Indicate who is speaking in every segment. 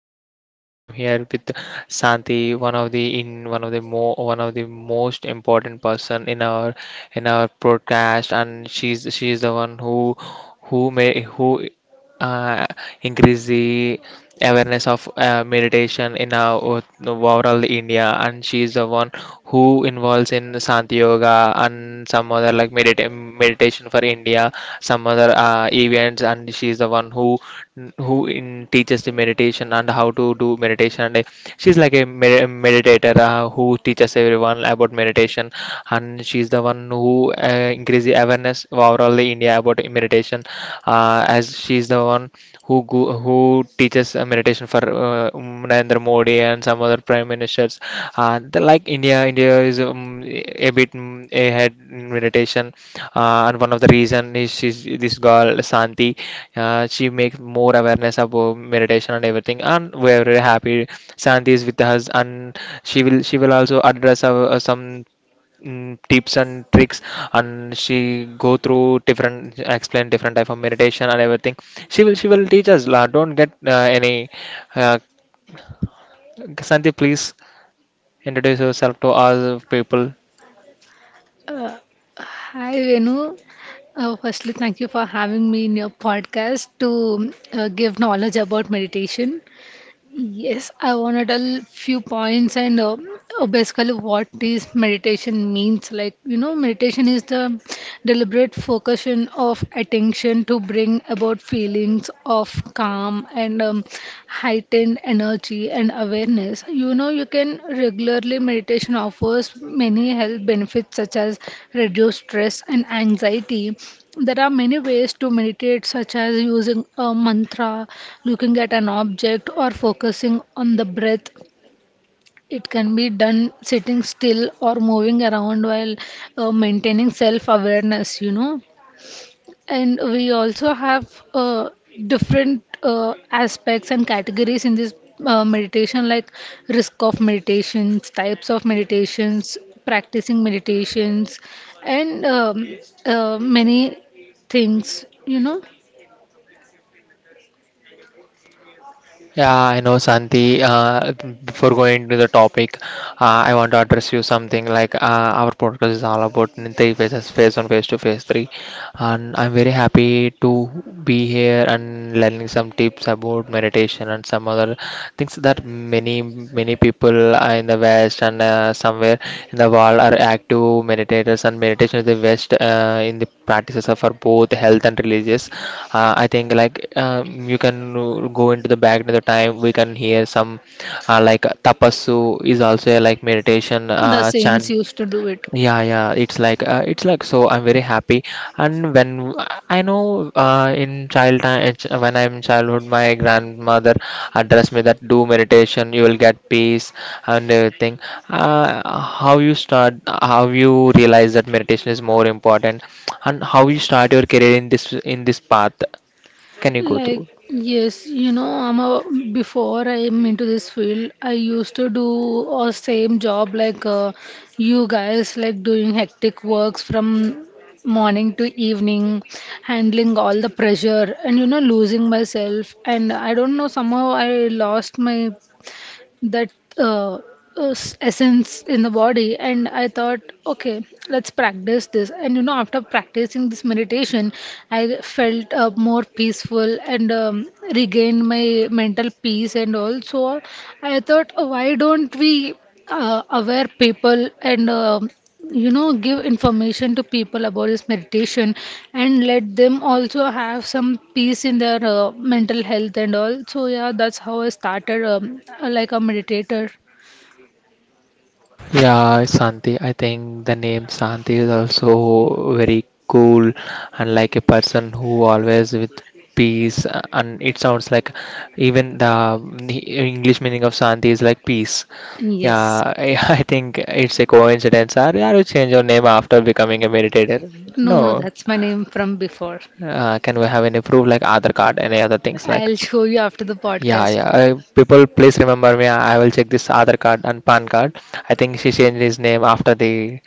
Speaker 1: I'm Venu. I'm here with Santi, one of the mo one of the most important person in our podcast. And she's the one who may who uh, increase the awareness of meditation in our overall India, and she is the one who involves in Santi Yoga and some other like meditation for India, some other events. And she is the one who in teaches the meditation and how to do meditation. And she's like a meditator who teaches everyone about meditation, and she's the one who increase the awareness overall the India about meditation. As she's the one who teaches meditation for Narendra Modi and some other prime ministers. India is a bit ahead in meditation, and one of the reason is she's, this girl Santi. She makes more awareness about meditation and everything, and we're very happy. Santi is with us, and she will also address some tips and tricks, and she go through different explain different type of meditation and everything. She will teach us la. Don't get any uh, Santi, please introduce yourself to us people.
Speaker 2: Uh, Hi Venu. Firstly, thank you for having me in your podcast to give knowledge about meditation. Yes, I wanna tell few points, and basically what is meditation means. Like, you know, meditation is the deliberate focusing of attention to bring about feelings of calm and heightened energy and awareness. You know, you can regularly meditation offers many health benefits such as reduced stress and anxiety. There are many ways to meditate, such as using a mantra, looking at an object, or focusing on the breath. It can be done sitting still or moving around while maintaining self awareness, you know. And we also have different aspects and categories in this meditation, like risk of meditations, types of meditations, practicing meditations, and many things, you know.
Speaker 1: Yeah, I know, Santi. Before going to the topic, I want to address you something like our podcast is all about three phases: phase one, phase two, phase three. And I'm very happy to be here and learning some tips about meditation and some other things. That many many people are in the West, and somewhere in the world are active meditators, and meditation is the West in the practices are for both health and religious. I think like you can go into the back into the time. We can hear some like tapassu is also a like meditation
Speaker 2: The saints
Speaker 1: chant.
Speaker 2: used to do it.
Speaker 1: Yeah, yeah, it's like it's like, so I'm very happy. And when I know, in child time, when I'm in childhood, my grandmother addressed me that do meditation, you will get peace and everything. How you start, how you realize that meditation is more important, and how you start your career in this path? Can you go
Speaker 2: Like,
Speaker 1: through?
Speaker 2: yes, you know, before I'm into this field, I used to do a same job like you guys, like doing hectic works from morning to evening, handling all the pressure and, you know, losing myself. And I don't know, somehow I lost my that uh, essence in the body, and I thought, okay, let's practice this. And, you know, after practicing this meditation, I felt more peaceful and regained my mental peace. And also I thought, why don't we aware people and you know give information to people about this meditation, and let them also have some peace in their mental health and all. So yeah, that's how I started, like a meditator.
Speaker 1: Yeah, Santi, I think the name Santi is also very cool, and like a person who always with peace. And it sounds like even the English meaning of Santi is like peace.
Speaker 2: Yes.
Speaker 1: Yeah, I, I think it's a coincidence. Or yeah, you change your name after becoming a meditator.
Speaker 2: No, no,
Speaker 1: No,
Speaker 2: that's my name from before.
Speaker 1: can we have any proof like other card, any other things like?
Speaker 2: I'll show you after the
Speaker 1: Yeah,
Speaker 2: podcast.
Speaker 1: yeah. People, please remember me. I will check this other card and PAN card. I think she changed his name after the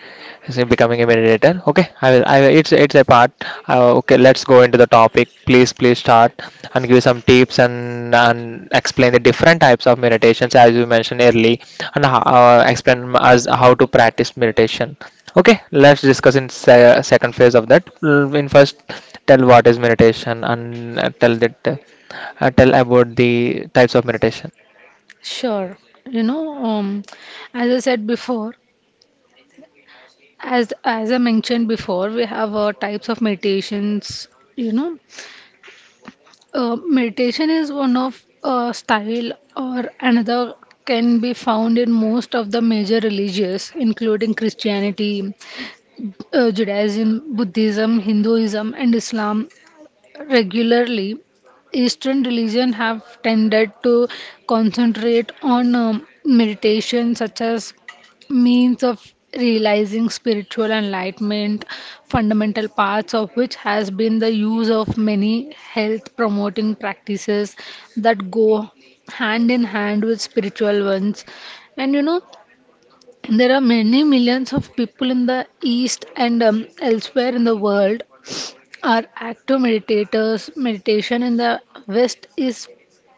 Speaker 1: she becoming a mediator. Okay, I will. I will. It's a part. Okay, let's go into the topic. Please, please start and give some tips and explain the different types of meditations as you mentioned early, and explain us how to practice meditation. Okay, let's discuss in second phase of that. Mm, in first, tell what is meditation and tell about the types of meditation.
Speaker 2: Sure. You know, um as I said before, as I mentioned before, we have types of meditations, you know. Meditation is one of style or another can be found in most of the major religions, including Christianity, Judaism, Buddhism, Hinduism, and Islam. Regularly, Eastern religions have tended to concentrate on meditation, such as means of realizing spiritual enlightenment, fundamental parts of which has been the use of many health promoting practices that go hand in hand with spiritual ones. And you know, there are many millions of people in the East and elsewhere in the world are active meditators. Meditation in the West is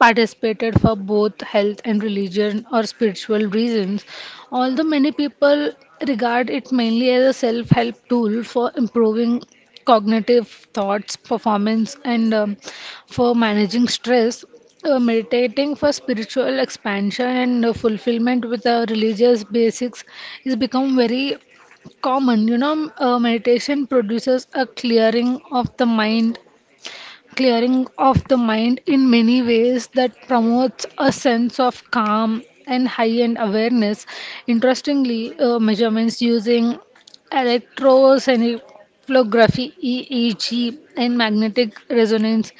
Speaker 2: participated for both health and religion or spiritual reasons. Although many people regard it mainly as a self help tool for improving cognitive thoughts, performance, and for managing stress, meditating for spiritual expansion and fulfillment with the religious basics is become very common. You know, meditation produces a clearing of the mind in many ways that promotes a sense of calm and high end awareness. Interestingly, measurements using electroencephalography, EEG, and magnetic resonance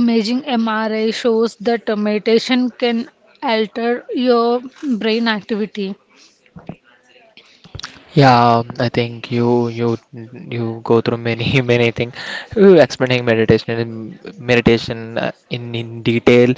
Speaker 2: imaging, MRI, shows that meditation can alter your brain activity.
Speaker 1: Yeah, I think you go through many many things. You explaining meditation in detail.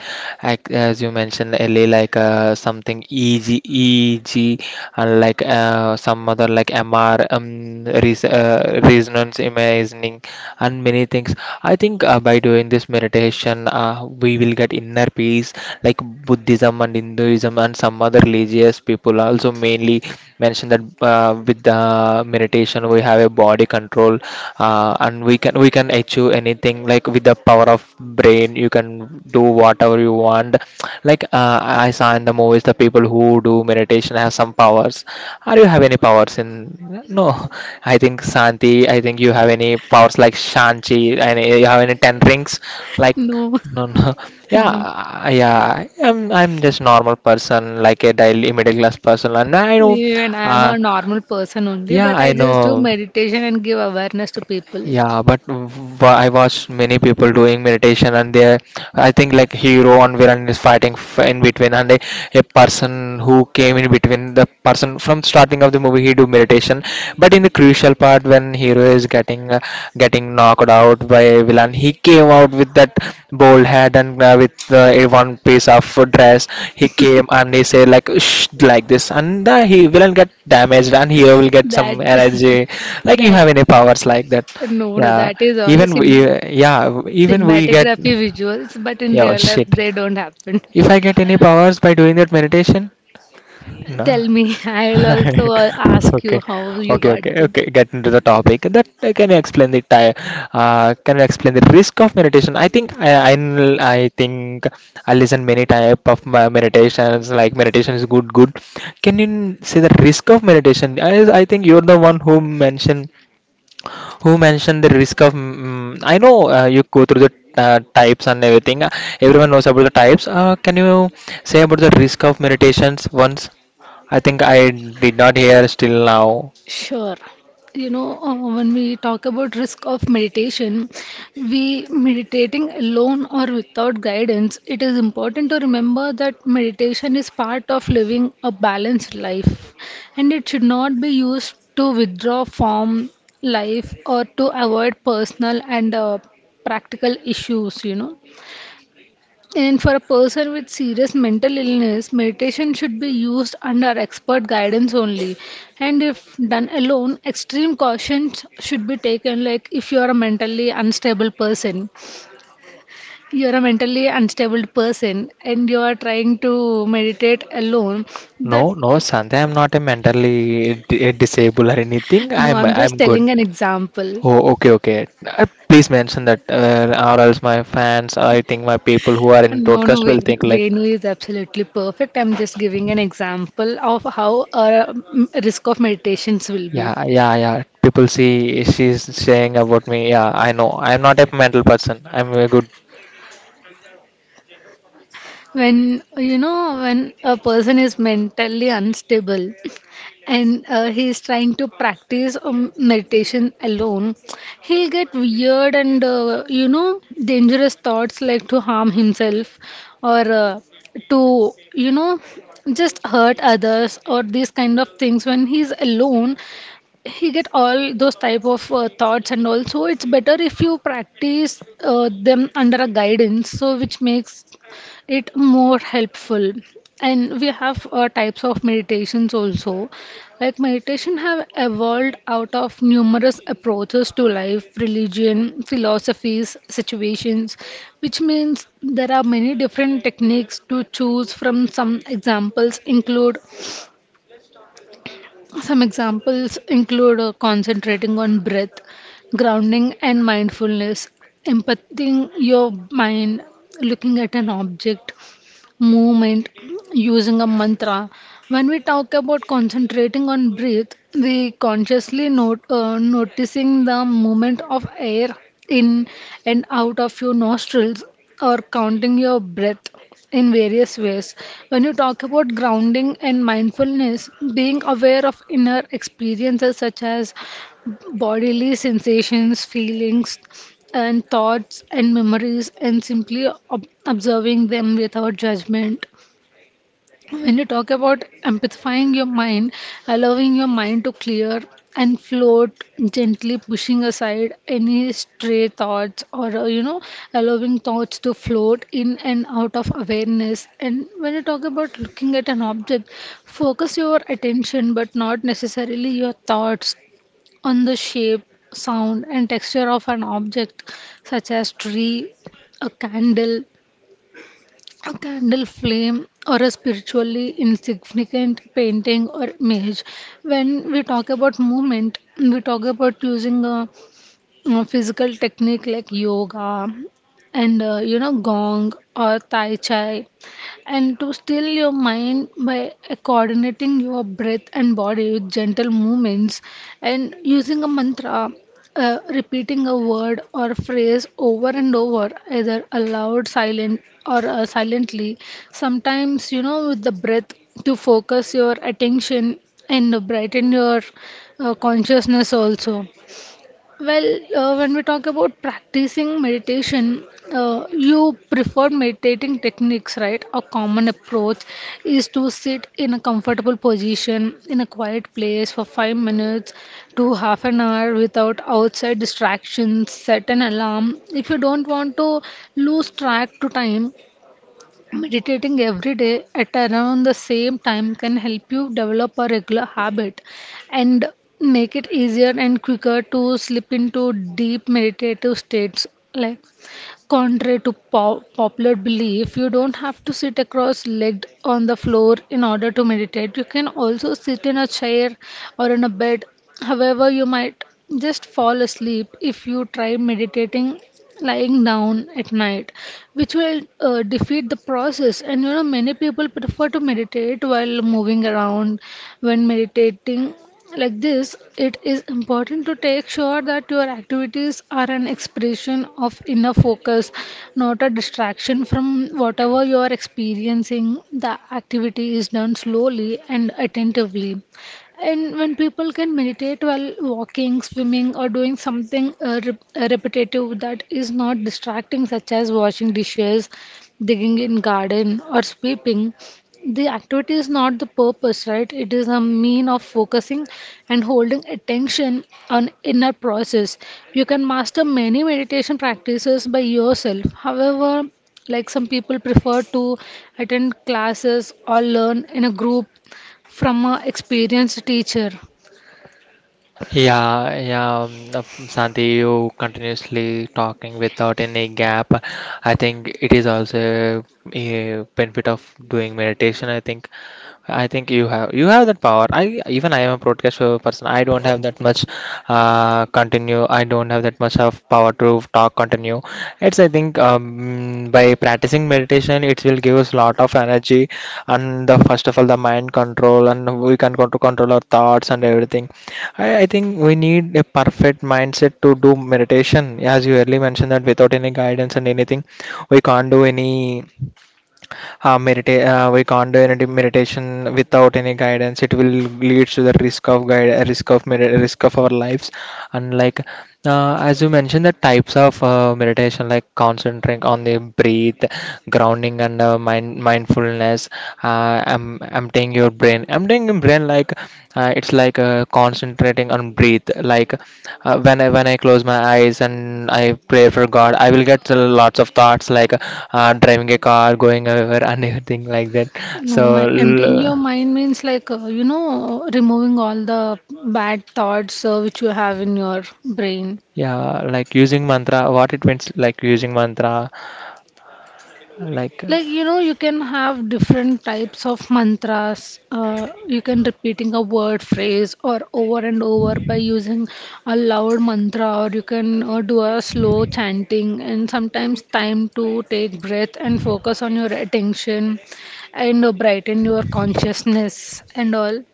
Speaker 1: As you mentioned earlier, like something EEG EEG, and like some other like MR resonance imaging and many things. I think by doing this meditation, we will get inner peace. Like Buddhism and Hinduism and some other religious people also mainly mentioned that with the meditation we have a body control. And we can achieve anything like with the power of brain. You can do whatever you want, like I saw in the movies the people who do meditation have some powers. Are you have any powers in? No, I think, Santi, I think you have any powers like Shanti, and you have any 10 rings like?
Speaker 2: No.
Speaker 1: No, no.
Speaker 2: No.
Speaker 1: Yeah. I- I'm just normal person, like a daily middle class person. And I know,
Speaker 2: Even I am
Speaker 1: uh,
Speaker 2: a normal person only,
Speaker 1: yeah,
Speaker 2: but
Speaker 1: I
Speaker 2: I just do
Speaker 1: know.
Speaker 2: meditation and give awareness to people.
Speaker 1: Yeah, but w- I watch many people doing meditation, and they, I think like hero and villain is fighting in between, and a person who came in between, the person from starting of the movie he do meditation, but in the crucial part when hero is getting getting knocked out by a villain, he came out with that bald head and with a one piece of dress. He came and he said like shh, like this, and he villain get damaged, and hero will get some
Speaker 2: That.
Speaker 1: energy. Like you
Speaker 2: That,
Speaker 1: have any powers like that?
Speaker 2: no, no,
Speaker 1: Yeah,
Speaker 2: that is all a cin
Speaker 1: yeah, even we get,
Speaker 2: cinematography visuals, but in
Speaker 1: yeah, oh,
Speaker 2: real life,
Speaker 1: shit.
Speaker 2: they don't happen.
Speaker 1: If I get any powers by doing that meditation, no.
Speaker 2: Tell me, I will also ask
Speaker 1: okay,
Speaker 2: you how you
Speaker 1: okay, okay,
Speaker 2: got them.
Speaker 1: okay. Get into the topic. That can you explain the can you explain the risk of meditation? I think I think I listen many type of meditations. Like meditation is good, good. Can you say the risk of meditation? I think you're the one who mentioned the risk of I know, you go through the types and everything. Everyone knows about the types. Can you say about the risk of meditations once? I think I did not hear still now.
Speaker 2: Sure. You know, when we talk about risk of meditation, we meditating alone or without guidance, it is important to remember that meditation is part of living a balanced life and it should not be used to withdraw from life or to avoid personal and practical issues, you know. And for a person with serious mental illness, meditation should be used under expert guidance only. And if done alone, extreme cautions should be taken. Like, if you are a mentally unstable person, you are a mentally unstable person, and you are trying to meditate alone.
Speaker 1: No,
Speaker 2: That.
Speaker 1: no, Sandhya, I'm not a mentally disabled or anything.
Speaker 2: No,
Speaker 1: i'm
Speaker 2: I'm
Speaker 1: i'm
Speaker 2: just
Speaker 1: good.
Speaker 2: telling an example.
Speaker 1: Oh, okay, okay. Uh, please mention that, or else my fans, I think my people who are in
Speaker 2: No,
Speaker 1: broadcast
Speaker 2: no,
Speaker 1: will think like.
Speaker 2: Venu is absolutely perfect. I'm just giving an example of how our risk of meditations will be.
Speaker 1: Yeah, yeah, yeah. People, see, she's saying about me. Yeah, I know. I'm not a mental person. I'm a good.
Speaker 2: When you know, when a person is mentally unstable and he is trying to practice meditation alone, he'll get weird and you know dangerous thoughts like to harm himself, or to you know just hurt others, or these kind of things. When he's alone, he get all those type of thoughts. And also it's better if you practice them under a guidance, so which makes it more helpful. And we have types of meditations also. Like, meditation have evolved out of numerous approaches to life, religion, philosophies, situations, which means there are many different techniques to choose from. Some examples include concentrating on breath, grounding and mindfulness, empathizing your mind, looking at an object, movement, using a mantra. When we talk about concentrating on breath, we consciously note, noticing the movement of air in and out of your nostrils, or counting your breath in various ways. When you talk about grounding and mindfulness, being aware of inner experiences such as bodily sensations, feelings, and thoughts and memories, and simply observing them without judgment. When you talk about empathifying your mind, allowing your mind to clear and float, gently pushing aside any stray thoughts, or you know allowing thoughts to float in and out of awareness. And when you talk about looking at an object, focus your attention but not necessarily your thoughts, on the shape, sound, and texture of an object, such as tree, a candle, a candle flame, or a spiritually insignificant painting or image. When we talk about movement, we talk about using a physical technique like yoga and you know gong or tai chi, and to still your mind by coordinating your breath and body with gentle movements. And using a mantra, repeating a word or phrase over and over, either aloud silent or silently, sometimes you know with the breath, to focus your attention and brighten your consciousness also. Well, when we talk about practicing meditation, you preferred meditating techniques, right? A common approach is to sit in a comfortable position in a quiet place for 5 minutes to half an hour without outside distractions. Set an alarm if you don't want to lose track to time. Meditating every day at around the same time can help you develop a regular habit and make it easier and quicker to slip into deep meditative states. Like, contrary to popular belief, you don't have to sit across legged on the floor in order to meditate. You can also sit in a chair or in a bed. However, you might just fall asleep if you try meditating lying down at night, which will defeat the process. And you know, many people prefer to meditate while moving around. When meditating like this, it is important to take sure that your activities are an expression of inner focus, not a distraction from whatever you are experiencing. The activity is done slowly and attentively. And when people can meditate while walking, swimming, or doing something repetitive that is not distracting, such as washing dishes, digging in garden, or sweeping, the activity is not the purpose, right? It is a mean of focusing and holding attention on inner process. You can master many meditation practices by yourself. However, like, some people prefer to attend classes or learn in a group from a experienced teacher.
Speaker 1: Yeah, yeah. Santi, you continuously talking without any gap. I think it is also a benefit of doing meditation. I think. I think you have that power. I, even I am a broadcast person. I don't have that much continue. I don't have that much of power to talk continue. It's I think by practicing meditation, it will give us lot of energy, and the first of all the mind control, and we can go to control our thoughts and everything. I think we need a perfect mindset to do meditation. As you earlier mentioned that without any guidance and anything, we can't do any we can't do any meditation without any guidance. It will lead to the risk of our lives. And like, as you mentioned the types of meditation, like concentrating on the breath, grounding and mindfulness, I'm emptying your brain like it's like concentrating on breathe, like when I close my eyes and I pray for God, I will get lots of thoughts like driving a car, going over, and everything like that.
Speaker 2: No, my
Speaker 1: So,
Speaker 2: emptying your
Speaker 1: l-
Speaker 2: mind means like, you know, removing all the bad thoughts which you have in your brain.
Speaker 1: yeah, like using mantra, what it means, like using mantra, like,
Speaker 2: Like, you know, you can have different types of mantras, you can repeating a word phrase or over and over by using a loud mantra, or you can do a slow chanting and sometimes time to take breath and focus on your attention and brighten your consciousness and all.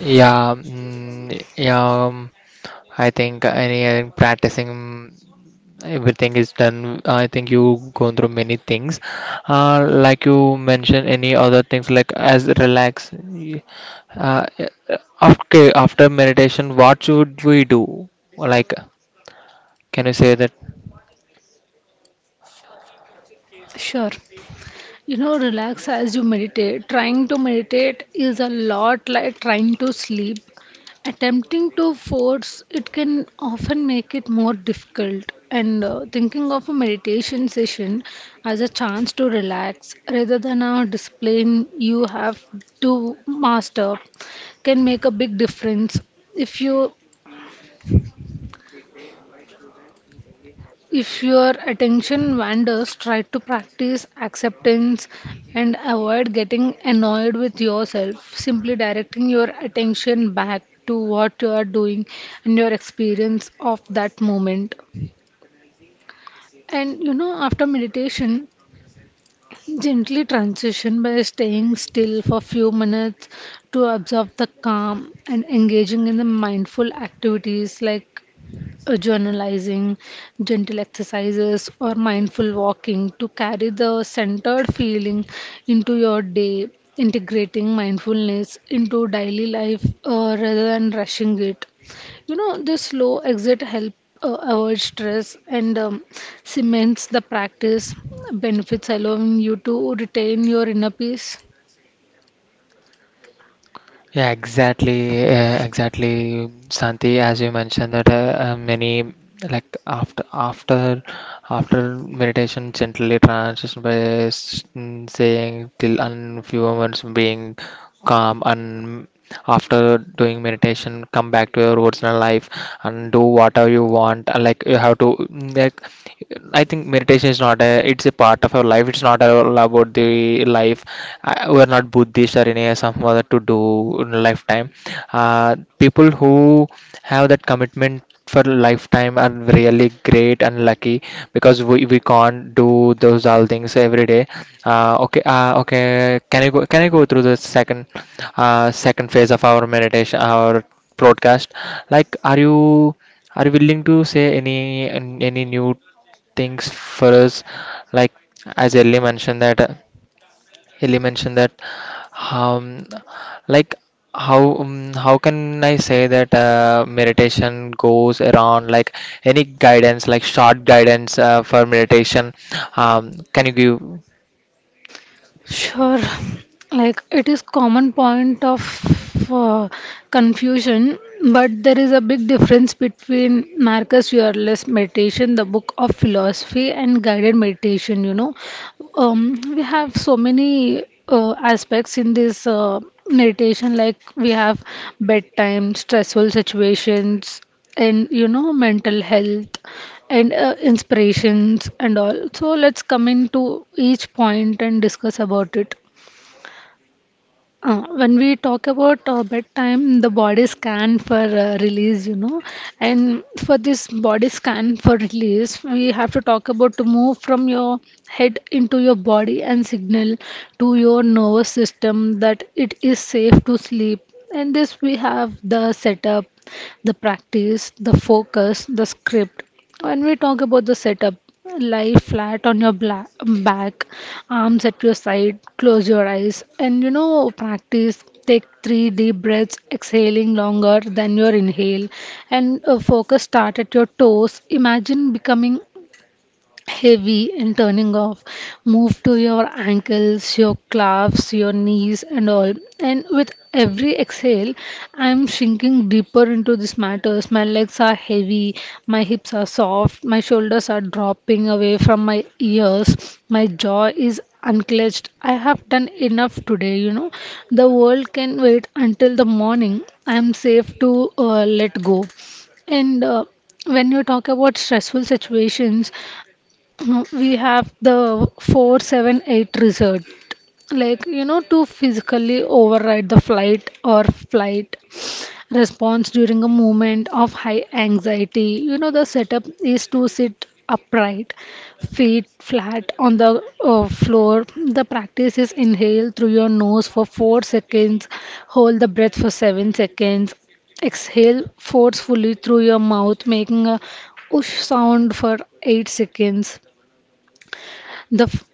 Speaker 1: yeah, yeah, I think any practicing everything is done. I think you gone through many things, like you mentioned, any other things like as relax. Uh, uh, okay, after meditation, what should we do? Like, can you say that?
Speaker 2: Sure. You know, relax as you meditate. Trying to meditate is a lot like trying to sleep. Attempting to force it can often make it more difficult. And thinking of a meditation session as a chance to relax rather than a discipline you have to master can make a big difference. If you If your attention wanders, try to practice acceptance and avoid getting annoyed with yourself. Simply directing your attention back to what you are doing and your experience of that moment. And you know, after meditation, gently transition by staying still for few minutes to observe the calm and engaging in the mindful activities like journalizing, gentle exercises, or mindful walking, to carry the centered feeling into your day, integrating mindfulness into daily life rather than rushing it. You know, this slow exit help avoid stress and cements the practice benefits, allowing you to retain your inner peace.
Speaker 1: Yeah, exactly, Santi. As you mentioned that many like after meditation gently transition by saying till and few moments being calm. And after doing meditation, come back to your original life and do whatever you want. And, like you have to like, I think meditation is not a it's a part of our life. It's not all about the life. I, we're not Buddhist or any some other to do in lifetime. People who have that commitment for lifetime are really great and lucky, because we can't do those all things every day. Okay, okay. Can I go? Can I go through the second second phase of our meditation, our broadcast? Like, are you? Are you willing to say any any new things for us, like as Ellie mentioned that Ellie mentioned that um, like how, how can I say that meditation goes around, like any guidance like short guidance for meditation. Can you give?
Speaker 2: Sure. Like, it is common point of confusion, but there is a big difference between Marcus Aurelius meditation, the book of philosophy, and guided meditation. You know, we have so many aspects in this meditation. Like, we have bedtime, stressful situations, and you know, mental health, and inspirations and all. So let's come into each point and discuss about it. When we talk about bedtime, the body scan for release, you know, and for this body scan for release, we have to talk about to move from your head into your body and signal to your nervous system that it is safe to sleep. And this we have the setup, the practice, the focus, the script. When we talk about the setup, lie flat on your back, arms at your side, close your eyes, and you know, practice. Take three deep breaths, exhaling longer than your inhale, and focus start at your toes. Imagine becoming heavy and turning off. Move to your ankles, your calves, your knees, and all. And with every exhale, I'm sinking deeper into these matters. My legs are heavy, my hips are soft, my shoulders are dropping away from my ears, my jaw is unclenched. I have done enough today, you know. The world can wait until the morning. I am safe to let go. And when you talk about stressful situations, we have the 4-7-8 result, like, you know, to physically override the flight or flight response during a moment of high anxiety. You know, the setup is to sit upright, feet flat on the floor. The practice is, inhale through your nose for 4 seconds, hold the breath for 7 seconds, exhale forcefully through your mouth making a whoosh sound for 8 seconds. the f-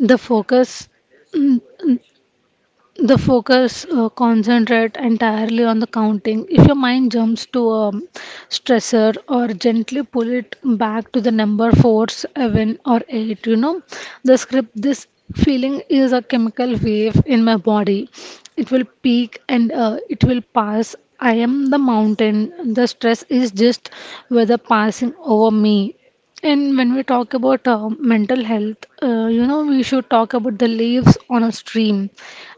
Speaker 2: the focus. The focus, concentrate entirely on the counting. If your mind jumps to a stressor, or gently pull it back to the number 4, 7, or 8, you know. The script: this feeling is a chemical wave in my body. It will peak, and it will pass. I am the mountain, the stress is just weather passing over me. And when we talk about mental health, you know, we should talk about the leaves on a stream.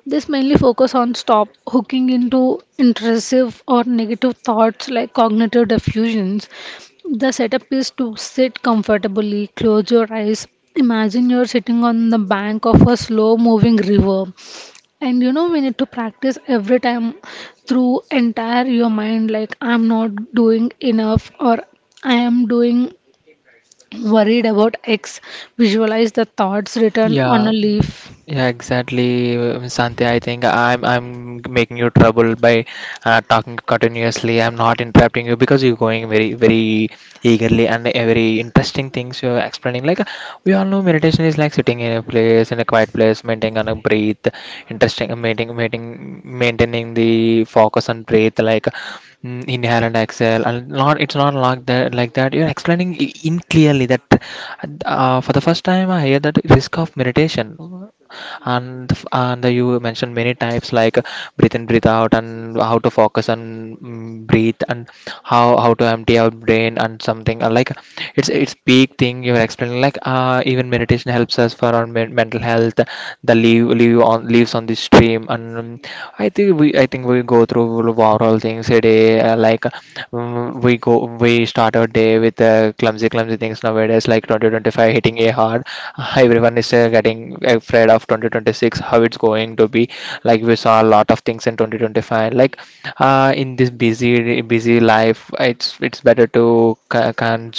Speaker 2: This mainly focus on stop hooking into intrusive or negative thoughts, like cognitive diffusions. The setup is to sit comfortably, close your eyes. Imagine you're sitting on the bank of a slow moving river. And you know, we need to practice every time through entire your mind, like, I'm not doing enough, or I am doing worried about X. Visualize the thoughts written
Speaker 1: Yeah.
Speaker 2: on a leaf.
Speaker 1: Yeah, exactly, Santi. I think I'm making you trouble by talking continuously. I'm not interrupting you because you're going very very eagerly and very interesting things you're explaining. We all know, meditation is like sitting in a place, in a quiet place, maintaining on a breath, interesting, maintaining the focus on breath, like inhale and exhale. And not, it's not like that like that. You're explaining in clearly that for the first time I hear that risk of meditation, and you mentioned many types like breathe in, breathe out, and how to focus, and breathe, and how to empty our brain and something like it's big thing you're explaining, like even meditation helps us for our mental health, the leave on leaves on this stream. And I think we go through overall things a day, like we start our day with uh, clumsy things nowadays, like 2025 hitting a hard. Everyone is getting afraid of 2026, how it's going to be. Like we saw a lot of things in 2025, like in this busy life it's better to ca- can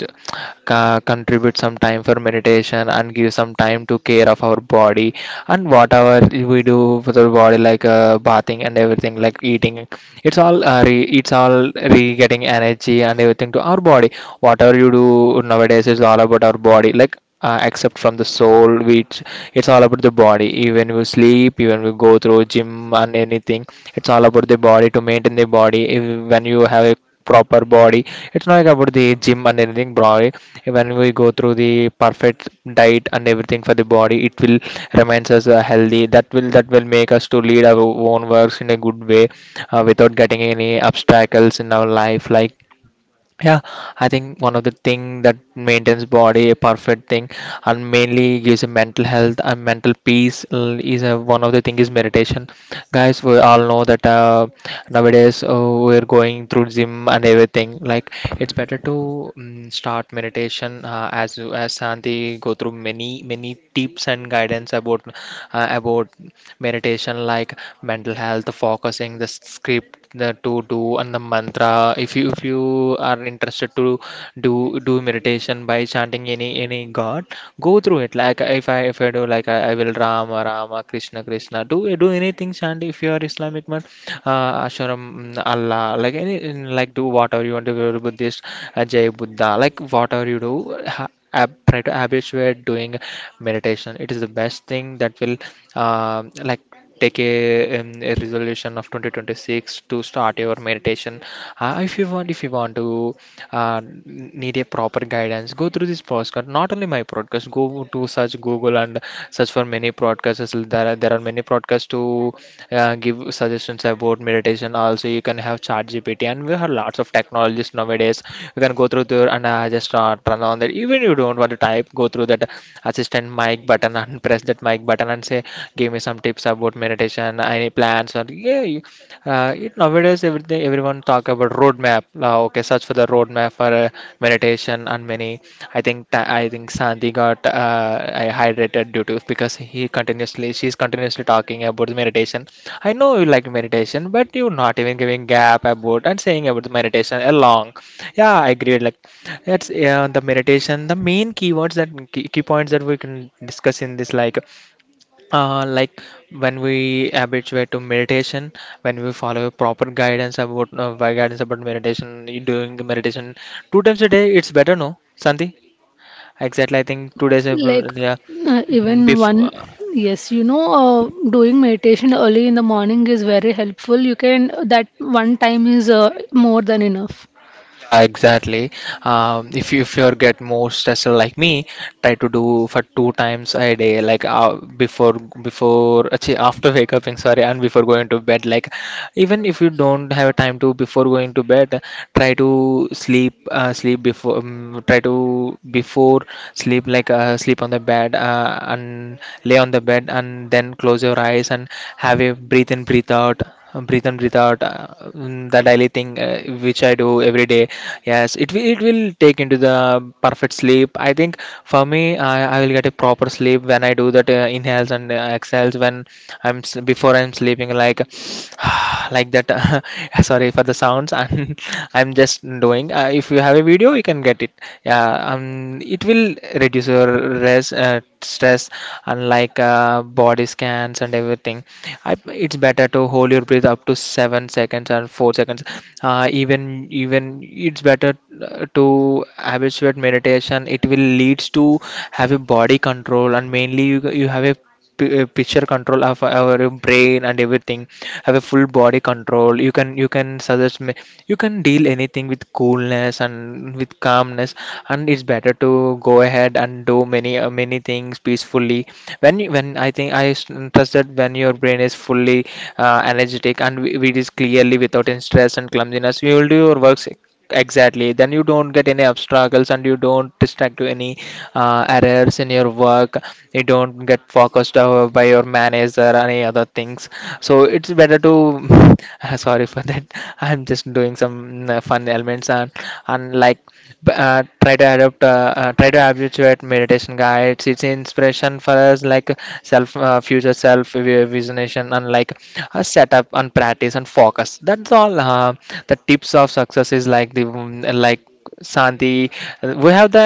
Speaker 1: ca- contribute some time for meditation, and give some time to care of our body. And whatever we do for the body, like bathing and everything, like eating, it's all re it's all re getting energy and everything to our body. Whatever you do nowadays is all about our body, like except from the soul, which it's all about the body. Even we sleep, even we go through gym and anything, it's all about the body, to maintain the body. If, when you have a proper body, it's not like about the gym and anything body. When we go through the perfect diet and everything for the body, it will remains us healthy. That will make us to lead our own works in a good way, without getting any obstacles in our life, like yeah. I think one of the thing that maintains body a perfect thing and mainly gives a mental health and mental peace, is a, one of the thing, is meditation. Guys, we all know that nowadays, we're going through gym and everything, like it's better to start meditation. As Santi go through many tips and guidance about meditation, like mental health, focusing the script, the to do, and the mantra. If you are interested to do meditation by chanting any god, go through it. Like if I do, like I will rama rama, krishna krishna, do anything, chant. If you are islamic man, ashram, allah, like any, like do whatever you want to do. Buddhist, jai buddha, like whatever you do. Try to habituate doing meditation. It is the best thing that will uh, like take a resolution of 2026 to start your meditation. If you want to need a proper guidance, go through this podcast. Not only my podcast, go to search google and search for many podcasts. There are many podcasts to give suggestions about meditation. Also you can have ChatGPT, and we have lots of technologies nowadays. You can go through there, and just turn on that. Even you don't want to type, go through that assistant mic button and press that mic button and say, "Give me some tips about meditation, any plans," or yeah, you, nowadays everything, everyone talk about roadmap. Okay, search for the roadmap for meditation and many. I think Sandy got I hydrated due to, because he continuously, she's continuously talking about the meditation. I know you like meditation, but you're not even giving gap about and saying about the meditation along. Yeah, I agree. Like that's yeah, the meditation, the main keywords, that key, key points that we can discuss in this, like when we habituate to meditation, when we follow proper guidance about by guidance about meditation, you doing meditation two times a day, it's better, no, Santi? Exactly, I think 2 days,
Speaker 2: Like,
Speaker 1: yeah, mm,
Speaker 2: even
Speaker 1: before,
Speaker 2: one, yes, you know, doing meditation early in the morning is very helpful. You can That one time is more than enough.
Speaker 1: yeah, exactly. If you get more stressed like me, try to do for two times a day, like uh, before actually after wake up, sorry, and before going to bed. Like even if you don't have time to before going to bed, try to sleep, sleep before, try to before sleep, like sleep on the bed, and lay on the bed, and then close your eyes and have a breathe in, breathe out, breathe in, breathe out, the daily thing which I do every day. Yes, it will take into the perfect sleep, I think. For me, I will get a proper sleep when I do that inhales and exhales when before I'm sleeping, like like that. Sorry for the sounds. And I'm just doing. If you have a video, you can get it. Yeah, um, it will reduce your res, uh, stress, unlike body scans and everything. I, it's better to hold your breath up to 7 seconds or 4 seconds. Uh, even even it's better to habituate meditation. It will leads to have a body control, and mainly you have a picture control of our brain and everything, have a full body control. You can suggest me, you can deal anything with coolness and with calmness. And it's better to go ahead and do many many things peacefully. When you, when I think I s- Trust that when your brain is fully energetic and it is clearly without any stress and clumsiness, you will do your work. Exactly. Then you don't get any obstacles, and you don't distract to any errors in your work. You don't get focused by your manager or any other things. So it's better to. Sorry for that. I'm just doing some fun elements. And like, try to adopt, try to habituate meditation guides. It's inspiration for us, like self, future self visionation, and like a setup, and practice, and focus. That's all, the tips of success is like the, like Santi, we have the,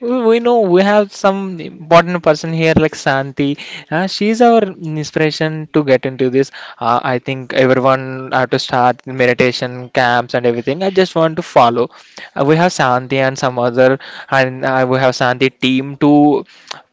Speaker 1: we know we have some important person here, like Santi. She's our inspiration to get into this. I think everyone have to start meditation camps and everything. I just want to follow. We have Santi and some other, and we have Santi team to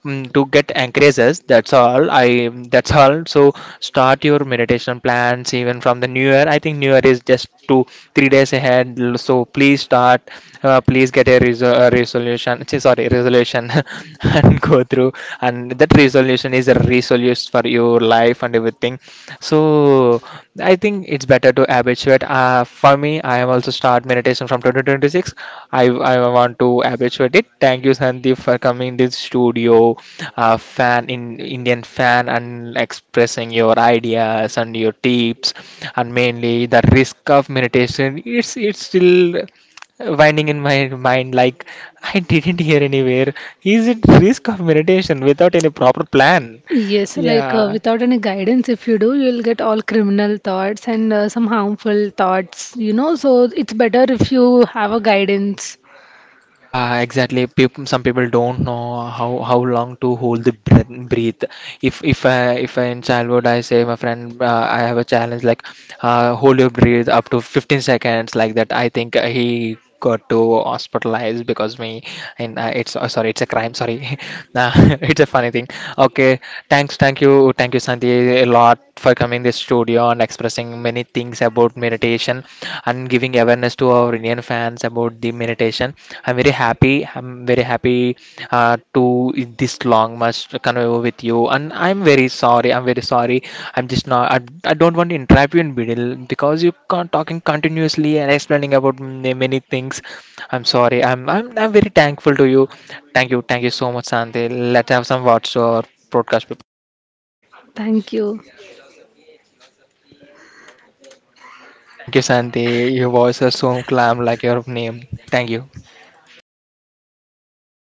Speaker 1: to get anchorages. That's all i that's all. So start your meditation plans even from the new year. I think new year is just 2 3 days ahead. So please start, please get a, a resolution, sorry, resolution, and go through, and that resolution is a resolution for your life and everything. So I think it's better to habituate. For me, I am also start meditation from 2026. I I want to habituate it. Thank you, Sandeep, for coming this studio, fan in Indian fan, and expressing your ideas and your tips, and mainly the risk of meditation. It's still winding in my mind, like I didn't hear anywhere. Is it risk of meditation without any proper plan?
Speaker 2: Yes, like,
Speaker 1: Yeah.
Speaker 2: without any guidance, if you do, you'll get all criminal thoughts and some harmful thoughts, you know. So it's better if you have a guidance.
Speaker 1: Yeah, exactly. People, some people don't know how long to hold the breath, breathe. If I in childhood, I say my friend, I have a challenge, like hold your breath up to 15 seconds, like that. I think he got to hospitalized because me. And it's, oh, sorry, it's a crime, sorry. Nah, it's a funny thing. Okay, thanks, thank you, thank you, Sandy, a lot, for coming this studio and expressing many things about meditation and giving awareness to our Indian fans about the meditation. I'm very happy. I'm very happy to this long much convey with you. And I'm very sorry. I'm very sorry. I'm just not. I don't want to interrupt you in middle because you can't talking continuously and explaining about many things. I'm sorry. I'm very thankful to you. Thank you. Thank you so much, Sandy. Let's have some words to our broadcast people.
Speaker 2: Thank you.
Speaker 1: Thank you, Santi. Your voice is so calm, like your name. Thank you.